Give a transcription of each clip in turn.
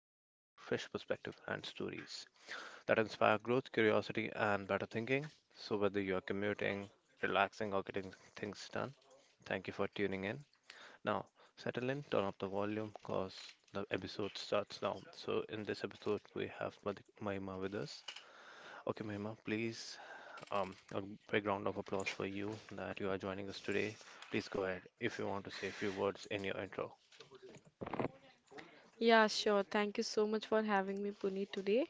conversation, fresh perspective, and stories that inspire growth, curiosity, and better thinking. So, whether you are commuting, relaxing, or getting things done, thank you for tuning in. Now, settle in, turn up the volume, cause the episode starts now. So, in this episode, we have Mahima with us. Okay, Mahima, please a big round of applause for you that you are joining us today. Please go ahead if you want to say a few words in your intro. Yeah, sure. Thank you so much for having me, Puneet, today.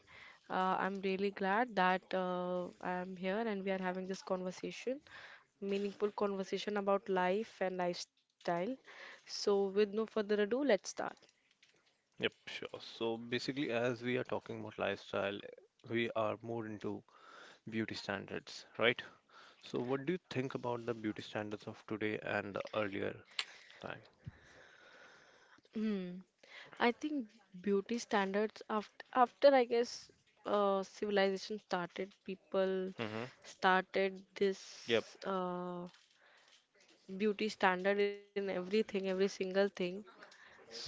I'm really glad that I'm here and we are having this conversation, meaningful conversation about life and lifestyle. So, with no further ado, let's start. Yep, sure. So basically, as we are talking about lifestyle, we are more into beauty standards, right? So, what do you think about the beauty standards of today and the earlier time? Hmm. I think beauty standards after I guess civilization started, people Mm-hmm. started Yep. this beauty standard in everything, every single thing.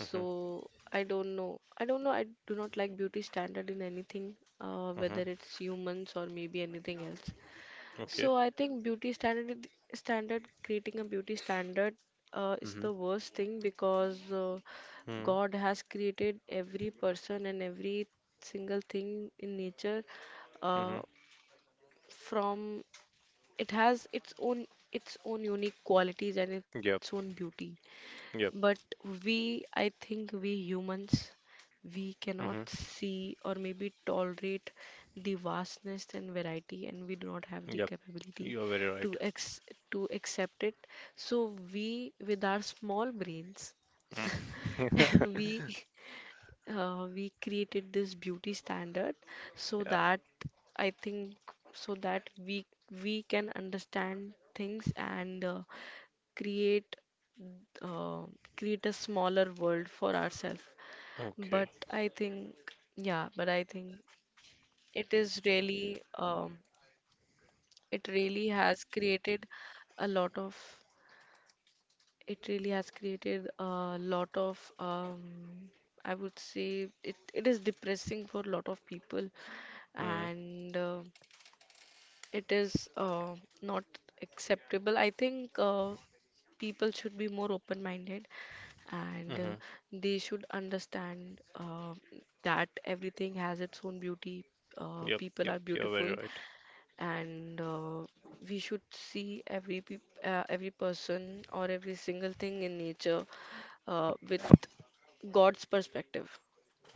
Mm-hmm. I don't know. I do not like beauty standard in anything, Mm-hmm. whether it's humans or maybe anything else. Okay. So I think beauty standard is- standard creating a beauty standard is Mm-hmm. the worst thing because Mm-hmm. God has created every person and every single thing in nature, Mm-hmm. uh, from it has its own unique qualities and its own Yep. beauty. But Yep. we, I think we humans, we cannot Mm-hmm. see or maybe tolerate the vastness and variety, and we do not have the Yep. capability You are very right. to ex to accept it. So we, with our small brains, Mm. we we created this beauty standard so Yeah. that, I think, so that we can understand things and, create uh, create a smaller world for ourselves. But Okay. I think, yeah, but I think it is really, it really has created a lot of, it really has created a lot of, I would say it is depressing for a lot of people Mm-hmm. and it is not acceptable. I think people should be more open-minded and Mm-hmm. they should understand that everything has its own beauty. Yep, People yep, are you're very beautiful, right. and we should see every person or every single thing in nature with God's perspective.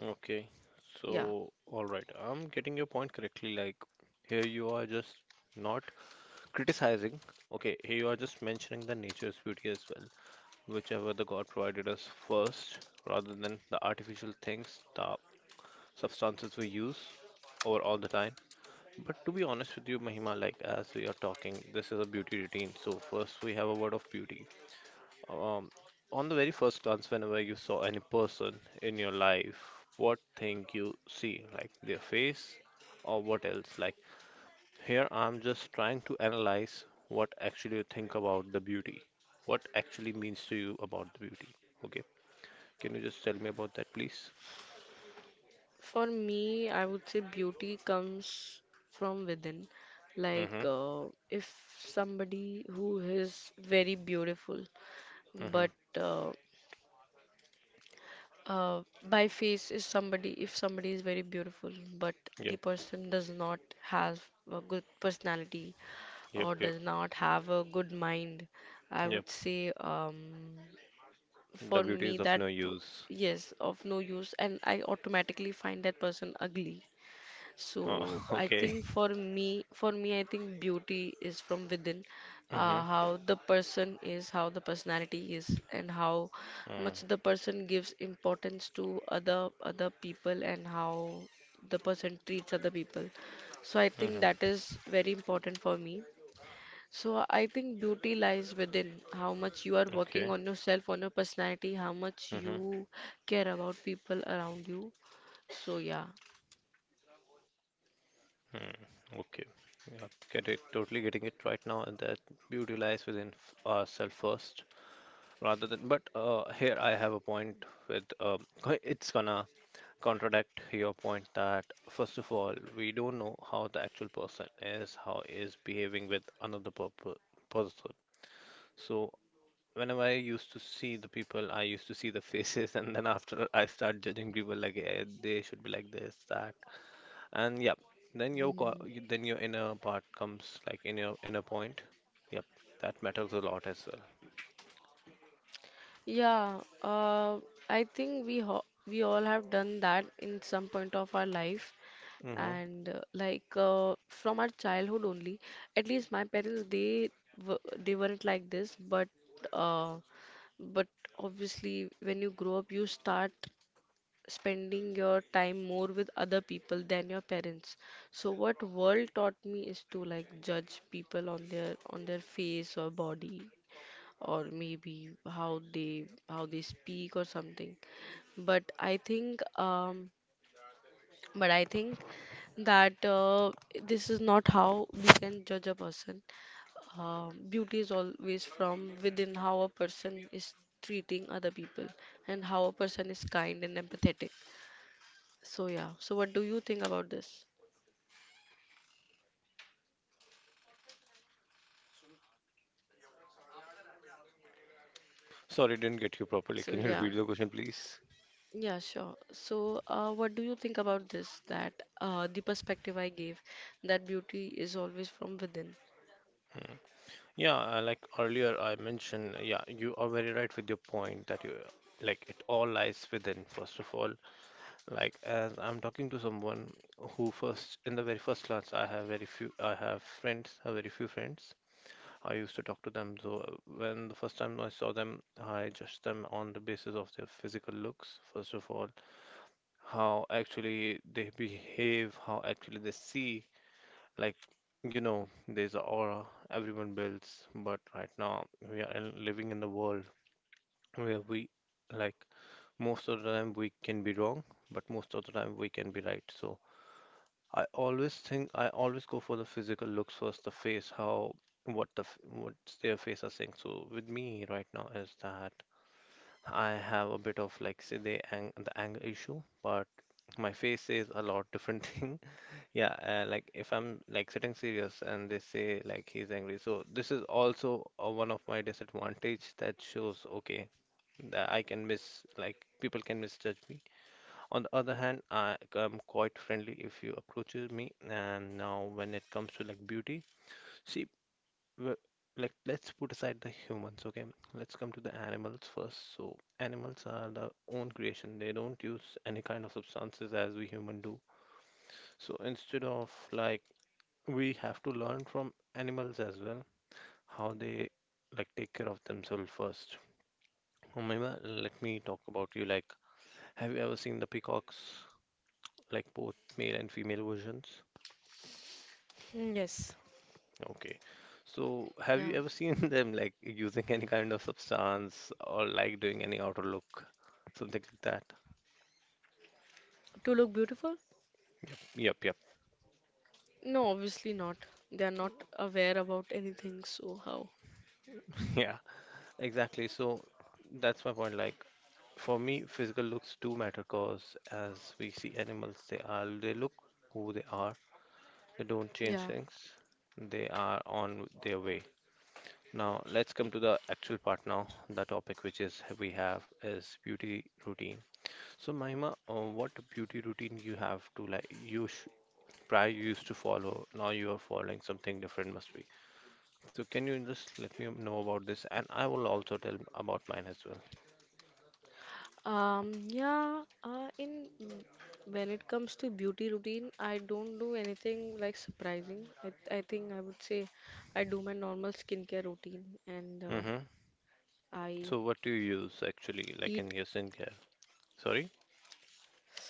Okay, Yeah. so all right, I'm getting your point correctly. Like, here you are just not criticizing. Okay, here you are just mentioning the nature's beauty as well, whichever the God provided us first, rather than the artificial things, the substances we use over all the time. But to be honest with you, Mahima, like as we are talking, this is a beauty routine. So first we have a word of beauty. Um, on the very first glance, whenever you saw any person in your life, what thing you see, like their face or what else? Like here, I'm just trying to analyze what actually you think about the beauty, what actually means to you about the beauty. Okay, can you just tell me about that, please? For me, I would say beauty comes from within. Like, Mm-hmm. If somebody who is very beautiful, Mm-hmm. but uh, uh, by face is somebody if somebody is very beautiful but the Yep. person does not have a good personality Yep. or Yep. does not have a good mind, I would Yep. say, The for beauty is of no use. yes, of no use, and I automatically find that person ugly. So Uh, I okay. think for me, I think beauty is from within, Mm-hmm. How the person is, how the personality is, and how much Mm-hmm. the person gives importance to other people, and how the person treats other people. So I think Mm-hmm. that is very important for me. So I think beauty lies within how much you are working Okay. on yourself, on your personality, how much Mm-hmm. you care about people around you. So yeah. Hmm, okay. Yeah, get it. Totally getting it right now, and that beauty lies within ourselves first, rather than. But here I have a point with. It's gonna contradict your point that first of all, we don't know how the actual person is, how is behaving with another person. So whenever I used to see the people, I used to see the faces, and then after I start judging people like eh, they should be like this, that and yep, then Mhm. then your inner part comes like in your inner point, yep, that matters a lot as well. Yeah, I think we all have done that in some point of our life, Mm-hmm. and from our childhood only. At least my parents, they weren't like this, but uh, but obviously when you grow up, you start spending your time more with other people than your parents. So what world taught me is to like judge people on their face or body or maybe how they speak or something, but i think um but I think that this is not how we can judge a person. Beauty is always from within, how a person is treating other people and how a person is kind and empathetic. So yeah, so what do you think about this? Sorry, didn't get you so properly. yeah Can you repeat the question, please? Yeah, sure. So, what do you think about this? That, the perspective I gave, that beauty is always from within. Mm. Yeah, like earlier I mentioned, yeah, you are very right with your point that you like it all lies within, first of all. Like as I'm talking to someone who first in the very first class I have friends, have very few friends, I used to talk to them. So when the first time I saw them, I judged them on the basis of their physical looks, first of all, how actually they behave, how actually they see. Like, you know, there's an aura everyone builds, but right now we are living in the world where we, like, most of the time we can be wrong, but most of the time we can be right. So I always go for the physical looks first, the face, how what the what's their face are saying. So with me right now is that I have a bit of like say the ang the anger issue, but my face says a lot different thing. Yeah, like if I'm like sitting serious and they say like he's angry, so this is also one of my disadvantage that shows okay, that I can miss like people can misjudge me. On the other hand, I am quite friendly if you approaches me. And now, when it comes to like beauty, see, like let's put aside the humans, okay? Let's come to the animals first. So, animals are their own creation. They don't use any kind of substances as we human do. So instead of like we have to learn from animals as well how they like take care of themselves first. Umaima, let me talk about you. Like, have you ever seen the peacocks, like both male and female versions? Mm, yes. Okay. So Yeah. have you ever seen them like using any kind of substance or like doing any outer look, something like that? To look beautiful? Yep, yep, yep. No, obviously not. They are not aware about anything, so how? Yeah, exactly. So that's my point. Like for me, physical looks do matter because as we see animals, they look who they are. They don't change Yeah. things. They are on their way. Now let's come to the actual part now. The topic which is we have is beauty routine. So Mahima, what beauty routine you have to like you sh prior you used to follow, now you are following something different must be. So can you just let me know about this and I will also tell about mine as well. Yeah, in When it comes to beauty routine, I don't do anything like surprising. I think I would say I do my normal skincare routine and Mm-hmm. I So what do you use actually eat like in your skincare? Sorry?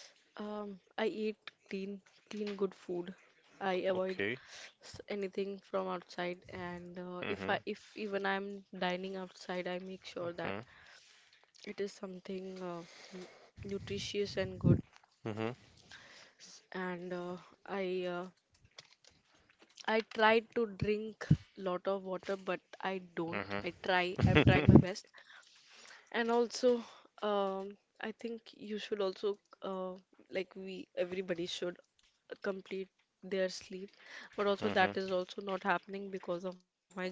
I eat clean, clean, good food. I avoid Okay. Anything from outside, and if Mm-hmm. If even I'm dining outside, I make sure that Mm-hmm. it is something n- nutritious and good. And I, uh, I try to drink lot of water, but I don't. Mm-hmm. I try. I'm trying Mm-hmm. my best. And also, I think you should also, like we, everybody should complete their sleep. But also, Mm-hmm. that is also not happening because of my job.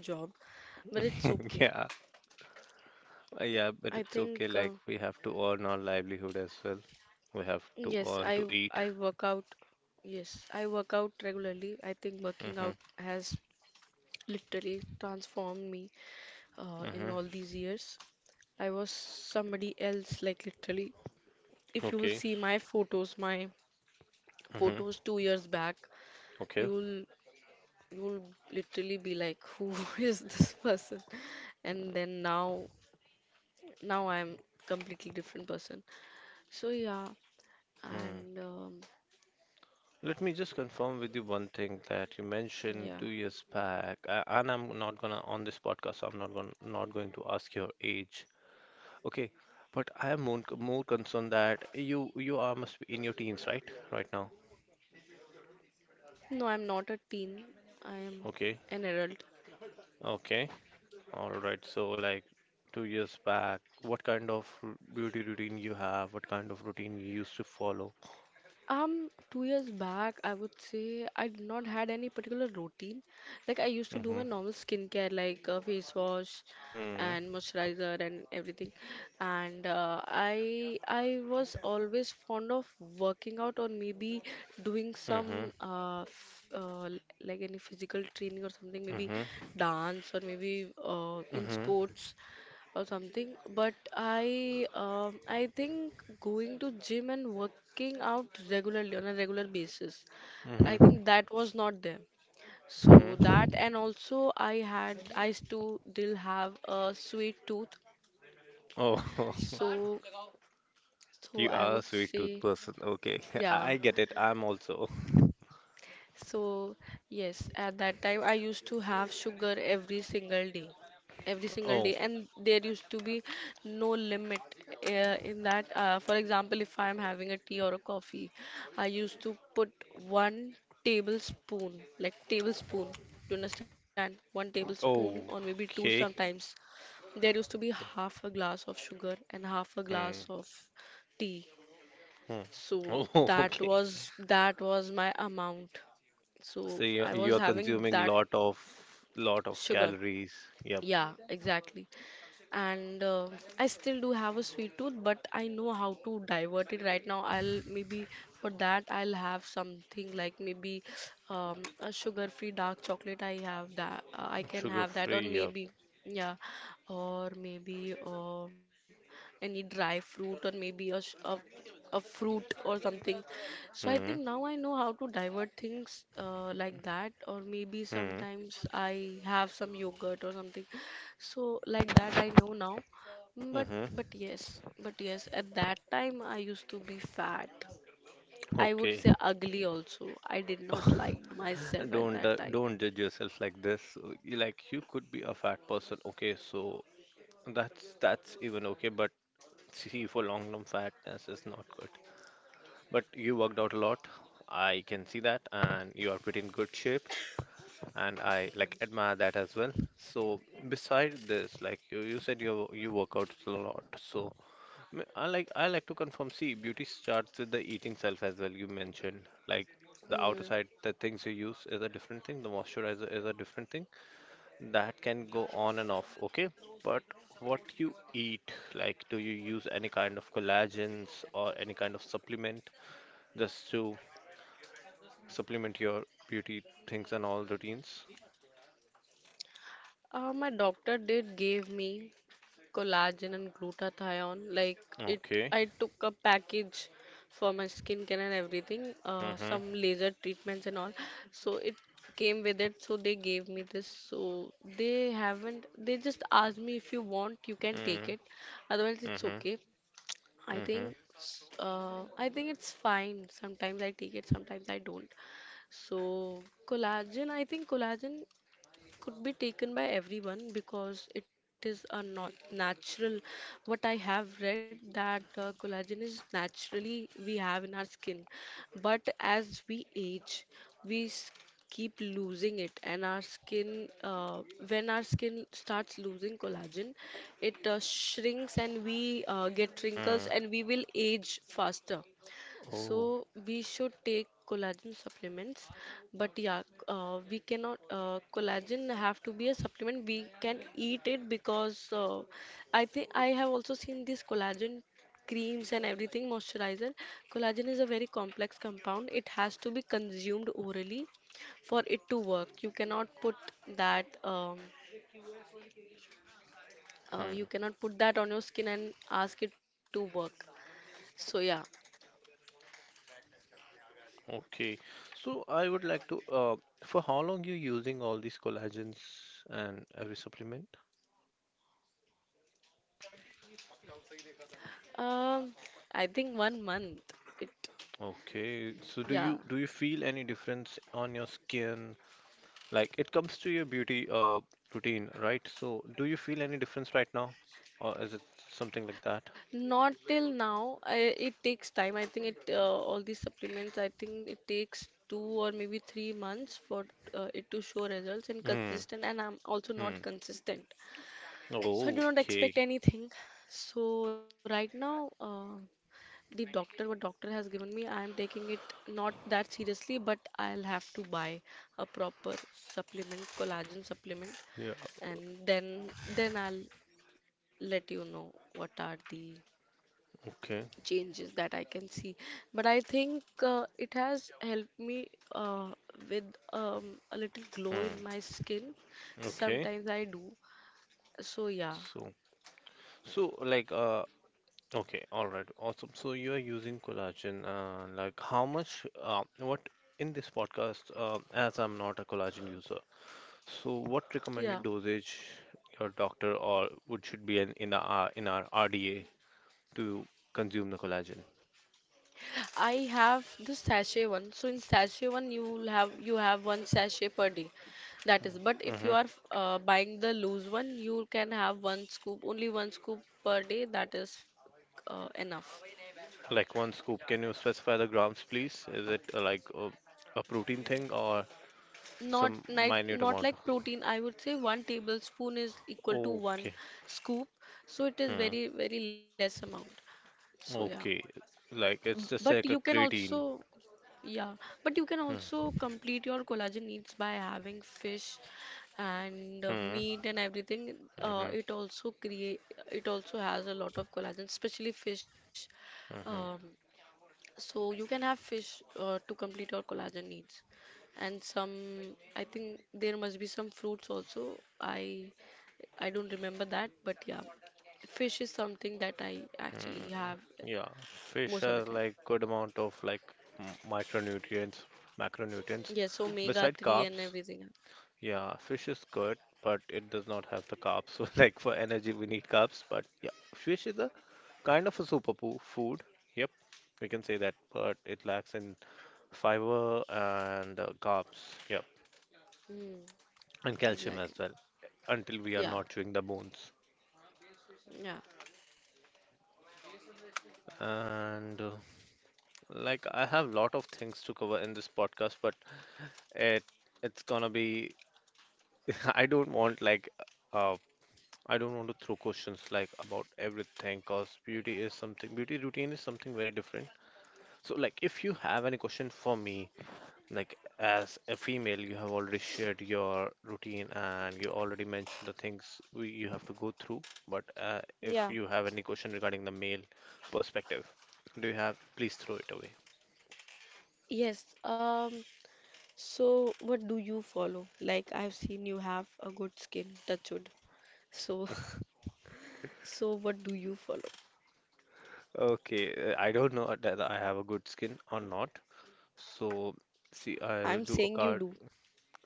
But it's okay. Yeah. Yeah, I but it's think, okay. uh, Like we have to earn our livelihood as well. We have to yes, I earn to I eat. work out. Yes, I work out regularly. I think working Mm-hmm. out has literally transformed me, in Mm-hmm. all these years. I was somebody else, like literally. If you will Okay. see my Mm-hmm. photos 2 years back, Okay. you'll you'll literally be like, who is this person? And then now I'm completely different person. So yeah, Hmm. and Let me just confirm with you one thing that you mentioned yeah. 2 years back, and I'm not gonna on this podcast. I'm not going to ask your age. Okay, but I am more concerned that you are must be in your teens, right? Right now. No, I'm not a teen. I am Okay. an adult. Okay. All right. So like 2 years back, what kind of beauty routine you have? What kind of routine you used to follow? 2 years back, I would say I did not had any particular routine. Like I used to do my Mm-hmm. normal skincare, like face wash Hmm. and moisturizer and everything. And I was always fond of working out or maybe doing Mm-hmm. some like any physical training or something, maybe Mm-hmm. dance or maybe in Mm-hmm. sports or something. But I think going to gym and working out regularly on a regular basis, I Mm-hmm. think that was not there. So that, Mm-hmm. and also I had I still have a sweet tooth. Oh, So so you I are a would sweet tooth say person. Okay, I yeah I get it. I'm also. So, yes, at that time I used to have sugar every single day. Every single Oh, day, and there used to be no limit in that. For example, if I'm having a tea or a coffee, I used to put one tablespoon, like tablespoon, do you understand? One tablespoon, or oh, maybe two okay. sometimes. There used to be half a glass of sugar and half a Hmm. glass of tea, Hmm. so Oh, okay. That was my amount. So So I you was are having consuming that lot of sugar. calories. Yep. Yeah, exactly. And I still do have a sweet tooth, but I know how to divert it right now. I'll maybe for that I'll have something like maybe, a sugar-free dark chocolate. I have that. I can Sugar have that, or free. Yep. maybe yeah, or maybe any dry fruit, or maybe a, sh- a fruit or something. So I think Hmm. now I know how to divert things like that, or maybe Hmm. sometimes I have some yogurt or something. So like that I know now. Mm. Mm-hmm. But yes, at that time I used to be fat. I would Okay. say ugly also. I did not like myself at that time. don't judge yourself like this. So like you could be a fat person. Okay, so that's even okay. But see, for long term fatness is not good. But you worked out a lot. I can see that, and you are pretty in good shape, and I like admire that as well. So, beside this, like you said, you work out a lot. So, I like to confirm. See, beauty starts with the eating self as well. You mentioned like the outer Mm. side, the things you use is a different thing. The moisturizer is a different thing. That can go on and off. Okay, but what you eat, like do you use any kind of collagens or any kind of supplement? Just to supplement your beauty things and all routines. My doctor did give me collagen and glutathione. It, Okay. I took a package for my skincare and everything, Mm-hmm. some laser treatments and all. So it came with it. So they gave me this. So they haven't. They just asked me if you want, you can take Mm. it. Otherwise, it's Mm-hmm. okay. I Mm-hmm. think. I think it's fine. Sometimes I take it, sometimes I don't. So collagen, I think collagen could be taken by everyone because it is a not natural, what I have read, that collagen is naturally we have in our skin, but as we age we keep losing it, and our skin, when our skin starts losing collagen, it shrinks and we get wrinkles Mm. and we will age faster. So Oh. we should take collagen supplements, but yeah, we cannot. Collagen have to be a supplement. We can eat it because I think I have also seen this collagen creams and everything moisturizer. Collagen is a very complex compound. It has to be consumed orally for it to work. You cannot put that. Hmm. You cannot put that on your skin and ask it to work. So yeah, Okay. So I would like to for how long you using all these collagens and every supplement? um, I think one month. It Okay. So Yeah, do you feel any difference on your skin? Like it comes to your beauty routine, right? So do you feel any difference right now? Or is it something like that? not till now. It takes time. I think it, all these supplements, I think it takes two or maybe 3 months for, it to show results and Hmm. consistent. And I'm also not Hmm. consistent, so I do Oh, not okay. expect anything. So right now, the doctor what doctor has given me, I am taking it not that seriously, but I'll have to buy a proper supplement, collagen supplement, Yeah. and then I'll let you know what are the Okay. changes that I can see. But I think it has helped me, uh, with a little glow Hmm. in my skin. Okay. Sometimes I do. So yeah, So, like okay, all right. Awesome. So you are using collagen. Like how much what in this podcast, as I'm not a collagen user. So what recommended yeah. dosage your doctor or would should be in our RDA to consume the collagen? I have the sachet one. So in sachet one, you have one sachet per day. That is. But if you Mm-hmm. are buying the loose one, you can have one scoop, only one scoop per day. That is enough. Like one scoop. Can you specify the grams, please? Is it like a protein thing or some minute Not amount? like protein, I would say one tablespoon is equal to one Okay. scoop, so it is very less amount. So yeah, Okay, like but it's just you like can a creatine. also yeah, but you can Hmm. also complete your collagen needs by having fish and Hmm. meat and everything. Hmm. It also create it also has a lot of collagen, especially fish. Um, Hmm. so you can have fish to complete your collagen needs. And some, I think there must be some fruits also. I don't remember that, but yeah, fish is something that I actually Hmm. have Yeah, fish most of the has time. like good amount of like micronutrients, Yes, so macronutrients. omega 3 Beside and carbs, everything. Yeah. yeah, fish is good, but it does not have the carbs. So like for energy, we need carbs. But yeah, fish is a kind of a super poo food. Yep, we can say that. But it lacks in fiber and carbs. Yep, Mm, and calcium as exactly. well. Until we are Yeah. not chewing the bones. Yeah. And like I have lot of things to cover in this podcast, but it it's gonna be I don't want like uh I don't want to throw questions like about everything, cause beauty is something, beauty routine is something very different. So like if you have any question for me, like as a female, you have already shared your routine and you already mentioned the things we, you have to go through. But if you Yeah. have any question regarding the male perspective, do you have please throw it away. Yes. So, what do you follow? Like, I've seen you have a good skin, touch wood. So, so what do you follow? Okay, I don't know that I have a good skin or not. So, see, I will I'm do a saying you card. do.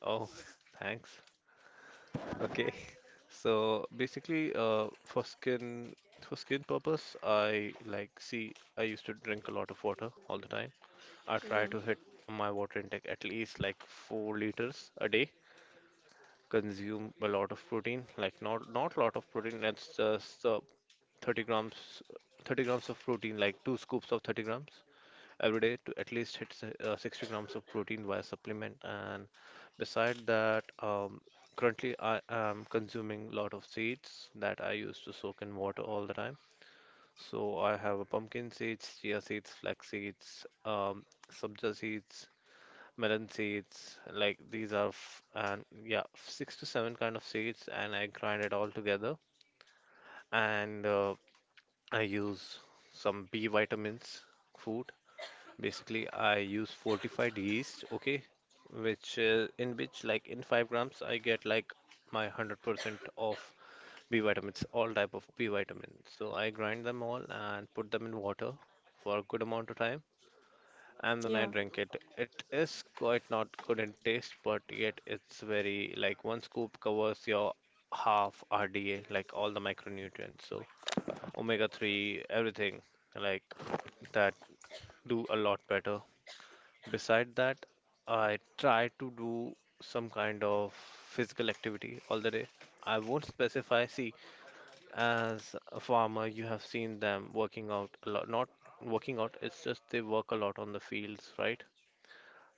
Oh, thanks. Okay. So basically, for skin purpose, I like see, I used to drink a lot of water all the time. Yeah. I try to hit my water intake at least like 4 liters a day. Consume a lot of protein, like not a lot of protein. That's just 30 grams, 30 grams of protein, like two scoops of 30 grams every day to at least hit 60 grams of protein via supplement. And beside that, currently I am consuming a lot of seeds that I use to soak in water all the time. So I have a pumpkin seeds, chia seeds, flax seeds, sabja seeds, melon seeds. Like these are, f and yeah, six to seven kind of seeds, and I grind it all together. And I use some B vitamins food. Basically, I use fortified yeast, okay, which in which like in 5 grams I get like my 100% of B vitamins, all type of B vitamins. So I grind them all and put them in water for a good amount of time Yeah. and then I drink it. It is quite not good in taste, but yet it's very like one scoop covers your half RDA, like all the micronutrients. So omega 3, everything like that do a lot better. Beside that, I try to do some kind of physical activity all the day. I won't specify. See, as a farmer, you have seen them working out a lot. Not working out, it's just they work a lot on the fields, right?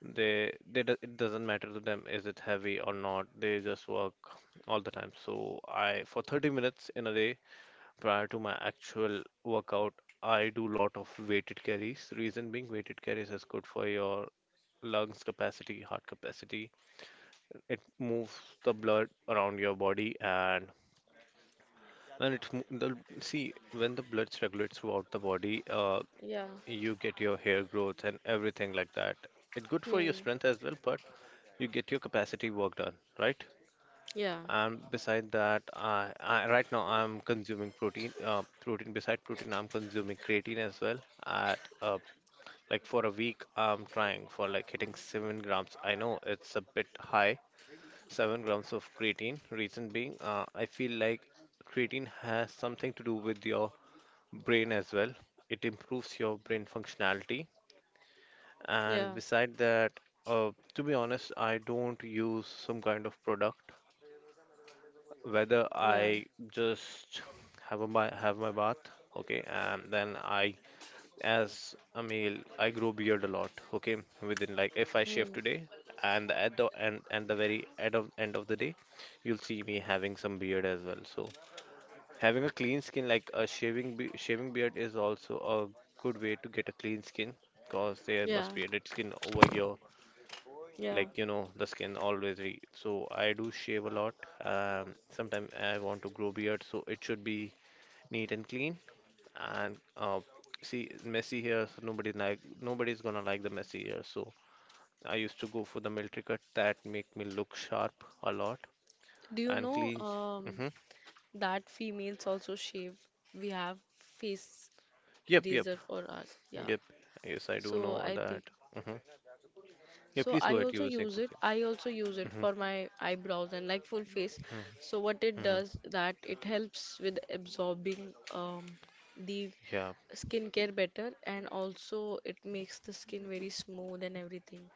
They it doesn't matter to them is it heavy or not. They just work all the time. So I, for 30 minutes in a day, prior to my actual workout, I do lot of weighted carries. Reason being, weighted carries is good for your lungs capacity, heart capacity. It moves the blood around your body, and when it mo- the see, when the blood circulates throughout the body, Yeah. you get your hair growth and everything like that. It's good for your Hmm. strength as well, but you get your capacity work done, right? Yeah. And beside that, I right now I'm consuming protein. Protein beside protein, I'm consuming creatine as well. At like for a week, I'm trying for like hitting 7 grams. I know it's a bit high, 7 grams of creatine. Reason being, I feel like creatine has something to do with your brain as well. It improves your brain functionality. And Yeah. beside that, to be honest, I don't use some kind of product, whether Yeah. I just have my bath, okay, and then I as a meal I grow beard a lot, okay, within like if I Hmm. shave today and at the and the very end of the day, you'll see me having some beard as well. So having a clean skin like a shaving be shaving beard is also a good way to get a clean skin because there Yeah. must be a dead skin over here Yeah. like the skin always re so I do shave a lot. Sometimes I want to grow beard so it should be neat and clean and see, messy hair, so nobody's gonna like the messy hair, so I used to go for the military cut that make me look sharp a lot Do you and know clean. Mm-hmm. that females also shave? We have face Yep, yep, razor for us. Yeah. yep. Yes, I do So know I think that. Mm-hmm. Yeah, so please go I ahead, you also were saying use it. something. I also use it Mm-hmm. for my eyebrows and like full face. Mm-hmm. So what it Mm-hmm, does that it helps with absorbing the yeah. skincare better, and also it makes the skin very smooth and everything.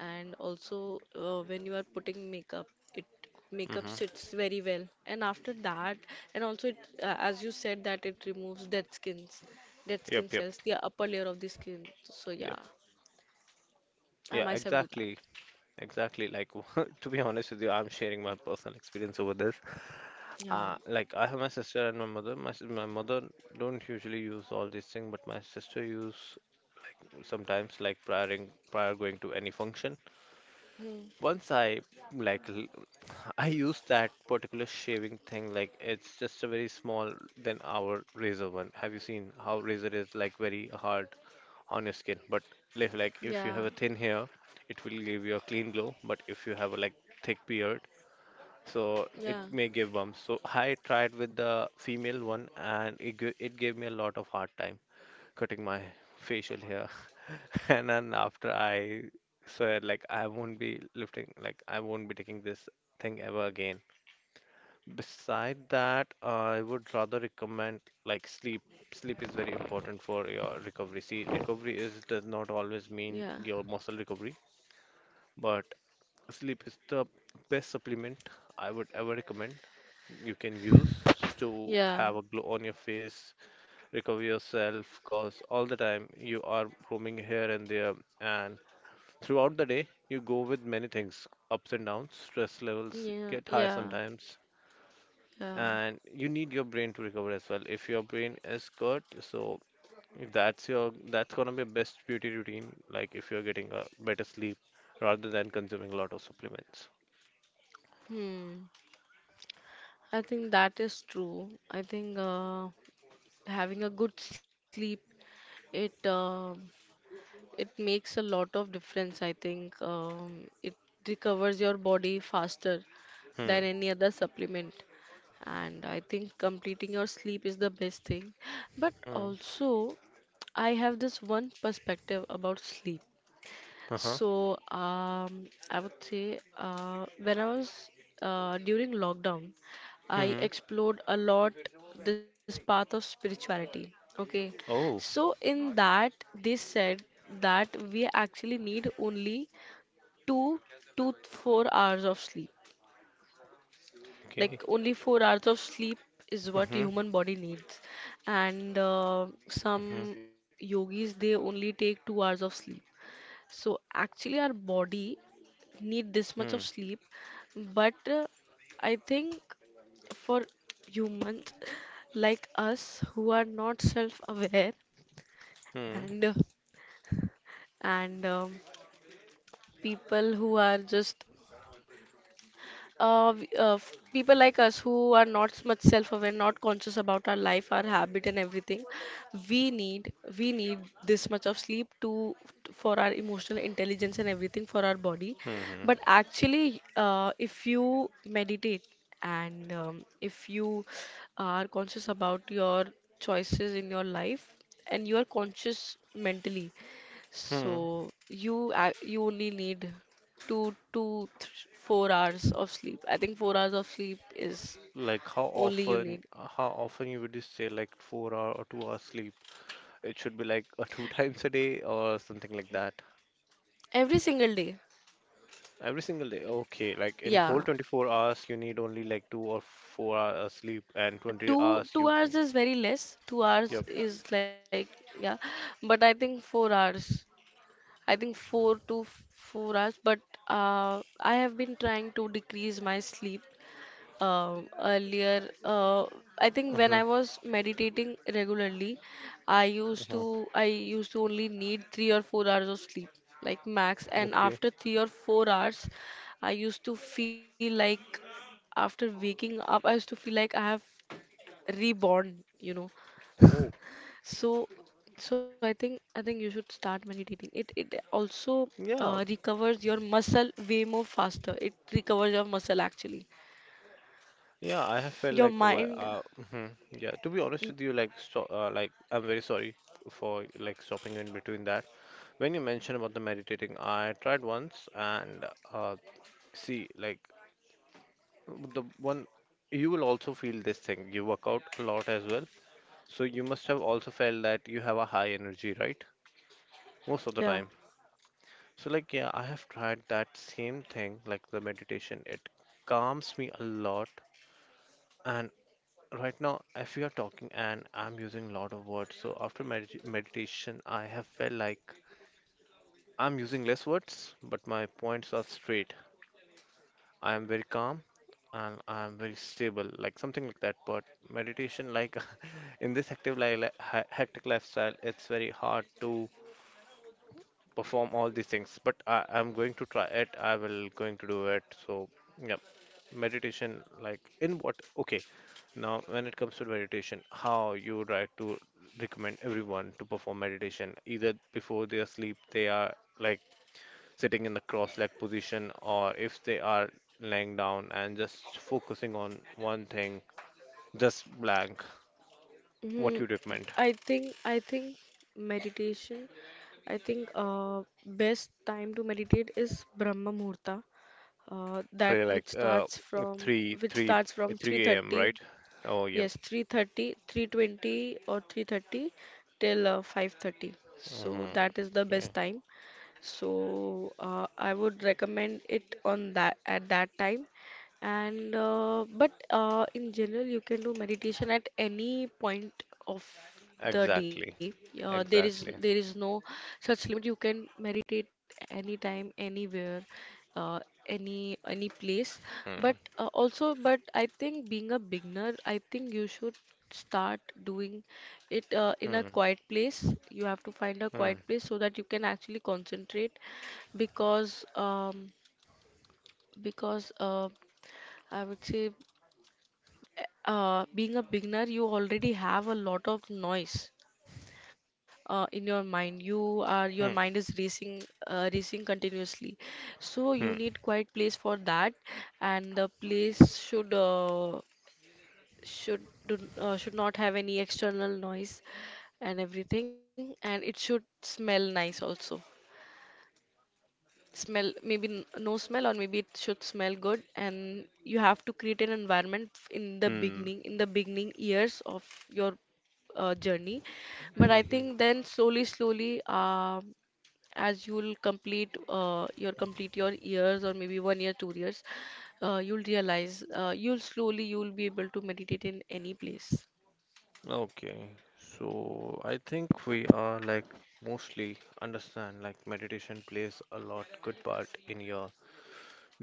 And also when you are putting makeup, it makeup Mm-hmm. sits very well. And after that, and also it, as you said that it removes dead skins, dead skin Yep, yep, cells, the upper layer of the skin. So yeah, yep. I Yeah, myself do that. exactly. Exactly. Like, to be honest with you, I'm sharing my personal experience over this. Yeah. Like, I have my sister and my mother. My mother don't usually use all these things, but my sister use, like sometimes, like prior going to any function. Mm. Once I like I use that particular shaving thing. Like, it's just a very small than our razor one. Have you seen how razor is like very hard on your skin? But if you Yeah. have a thin hair, it will give you a clean glow. But if you have a like thick beard, so it Yeah. may give bumps. So I tried with the female one, and it gave me a lot of hard time cutting my facial hair. And then after I swear like I won't be lifting, like I won't be taking this thing ever again. Beside that, I would rather recommend like sleep. Sleep is very important for your recovery. See, recovery is does not always mean Yeah. your muscle recovery, but sleep is the best supplement I would ever recommend you can use to Yeah. have a glow on your face, recover yourself, cause all the time you are roaming here and there, and throughout the day you go with many things, ups and downs, stress levels Yeah. get high Yeah. sometimes, Yeah. and you need your brain to recover as well. If your brain is good, so if that's gonna be best beauty routine. Like if you're getting a better sleep rather than consuming a lot of supplements. Hmm. I think that is true. I think having a good sleep, it it makes a lot of difference. I think it recovers your body faster Hmm. than any other supplement. And I think completing your sleep is the best thing. But Hmm. also, I have this one perspective about sleep. Uh huh. So I would say when I was during lockdown, I Hmm. explored a lot this path of spirituality. Okay, so Oh. in that they said that we actually need only 2 to 4 hours of sleep. Okay. Like only 4 hours of sleep is what Hmm. human body needs, and Hmm. some yogis they only take 2 hours of sleep. So actually, our body need this much of Hmm. sleep, but I think for humans like us who are not self-aware Hmm. and uh, and people who are just people like us who are not much self-aware, not conscious about our life, our habit, and everything, we need we need this much of sleep to for our emotional intelligence and everything for our body. Hmm. But actually, if you meditate and if you are conscious about your choices in your life, and you are conscious mentally, Hmm. so you you only need two to 4 hours of sleep. I think 4 hours of sleep is Like how only you often? need How often you would just say like 4 hour or 2 hours sleep? It should be like two times a day or something like that. every single day. Every single day. Okay, like in whole Yeah, 24 hours, you need only like 2 or 4 hours sleep, and 20 two hours two you. hours is very less. 2 hours Yep. is like yeah, but I think 4 hours. I think four to 4 hours. But I have been trying to decrease my sleep earlier. I think when Hmm. I was meditating regularly, I used Hmm. to I used to only need 3 or 4 hours of sleep, like max. And Okay. after 3 or 4 hours, I used to feel like after waking up, I used to feel like I have reborn, you know. Oh, So, so I think you should start meditating. It also yeah. recovers your muscle way more faster. It recovers your muscle actually. Yeah, I have felt Your like wh- mind, uh, hmm Yeah, to be honest with you, like so, like I'm very sorry for like stopping in between that. When you mentioned about the meditating, I tried once and uh, see, like the one you will also feel this thing. You work out a lot as well. So you must have also felt that you have a high energy, right? Most yeah. of the time. So like yeah, I have tried that same thing, like the meditation. It calms me a lot. And right now, if we are talking and I'm using a lot of words, so after meditation, I have felt like I'm using less words, but my points are straight. I am very calm and I am very stable, like something like that. But meditation, like, in this active life, hectic lifestyle, it's very hard to perform all these things, but I'm going to try it, I will going to do it, so yeah. Meditation, like, in what? Okay, now when it comes to meditation, how you would like to recommend everyone to perform meditation? Either before they are asleep, they are like sitting in the cross leg position, or if they are laying down and just focusing on one thing, just blank, what you Hmm. recommend? I think meditation. I think best time to meditate is Brahma Muhurta, that Hey, like which starts from 3 a.m., 3:30. right? Oh, yeah. Yes, 3:30, 3:20, or 3:30 till 5:30. So Hmm. that is the Okay. best time. So I would recommend it on that at that time. And but in general, you can do meditation at any point of the day. Exactly. Uh, there is there Exactly. is no such limit. You can meditate anytime, anywhere, uh, any place, but Hmm. also but I think being a beginner I think you should start doing it in a Hmm. quiet place. You have to find a Hmm. quiet place so that you can actually concentrate because because uh, I would say being a beginner you already have a lot of noise in your mind. You are your mind Hmm. is racing racing continuously, so you Hmm. need quiet place for that. And the place should should should not have any external noise and everything, and it should smell nice also. Smell maybe no smell, or maybe it should smell good, and you have to create an environment Hmm. In the beginning years of your journey. But I Hmm. think then slowly slowly as you'll complete your years, or maybe one year 2 years, you'll realize you'll slowly you'll be able to meditate in any place. Okay. So I think we are like mostly understand like meditation plays a lot good part in your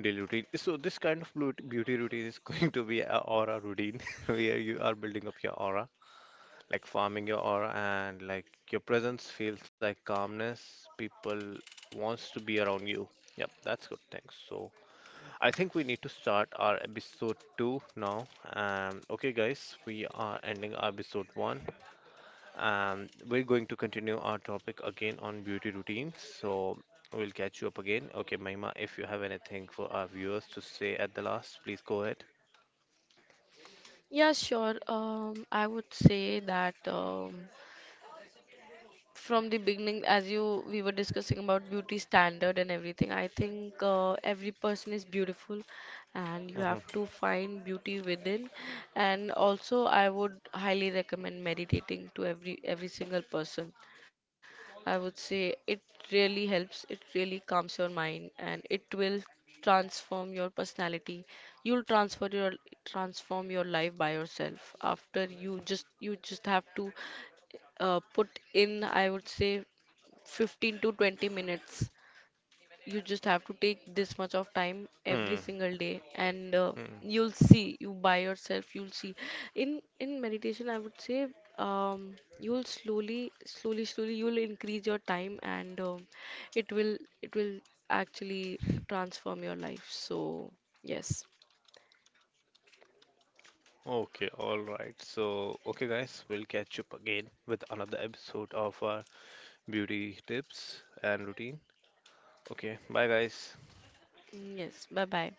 daily routine. So this kind of beauty routine is going to be a aura routine where you are building up your aura, like farming your aura, and like your presence feels like calmness. People wants to be around you. Yep, that's good. Thanks. So I think we need to start our episode two now. Okay, guys, we are ending our episode one. We're going to continue our topic again on beauty routines. So we'll catch you up again. Okay, Mahima, if you have anything for our viewers to say at the last, please go ahead. Yeah, sure. I would say that from the beginning, as you we were discussing about beauty standard and everything, I think every person is beautiful, and you Mhm. have to find beauty within. And also, I would highly recommend meditating to every single person. I would say it really helps, it really calms your mind, and it will transform your personality. You'll transfer your transform your life by yourself after you just have to put in I would say 15 to 20 minutes. You just have to take this much of time every Hmm. single day, and Hmm. you'll see you by yourself you'll see in meditation I would say um, you'll slowly you'll increase your time, and it will it will actually transform your life. So yes. Okay, all right. So, okay, guys, we'll catch up again with another episode of our beauty tips and routine. Okay, bye, guys. Mm, yes, bye bye.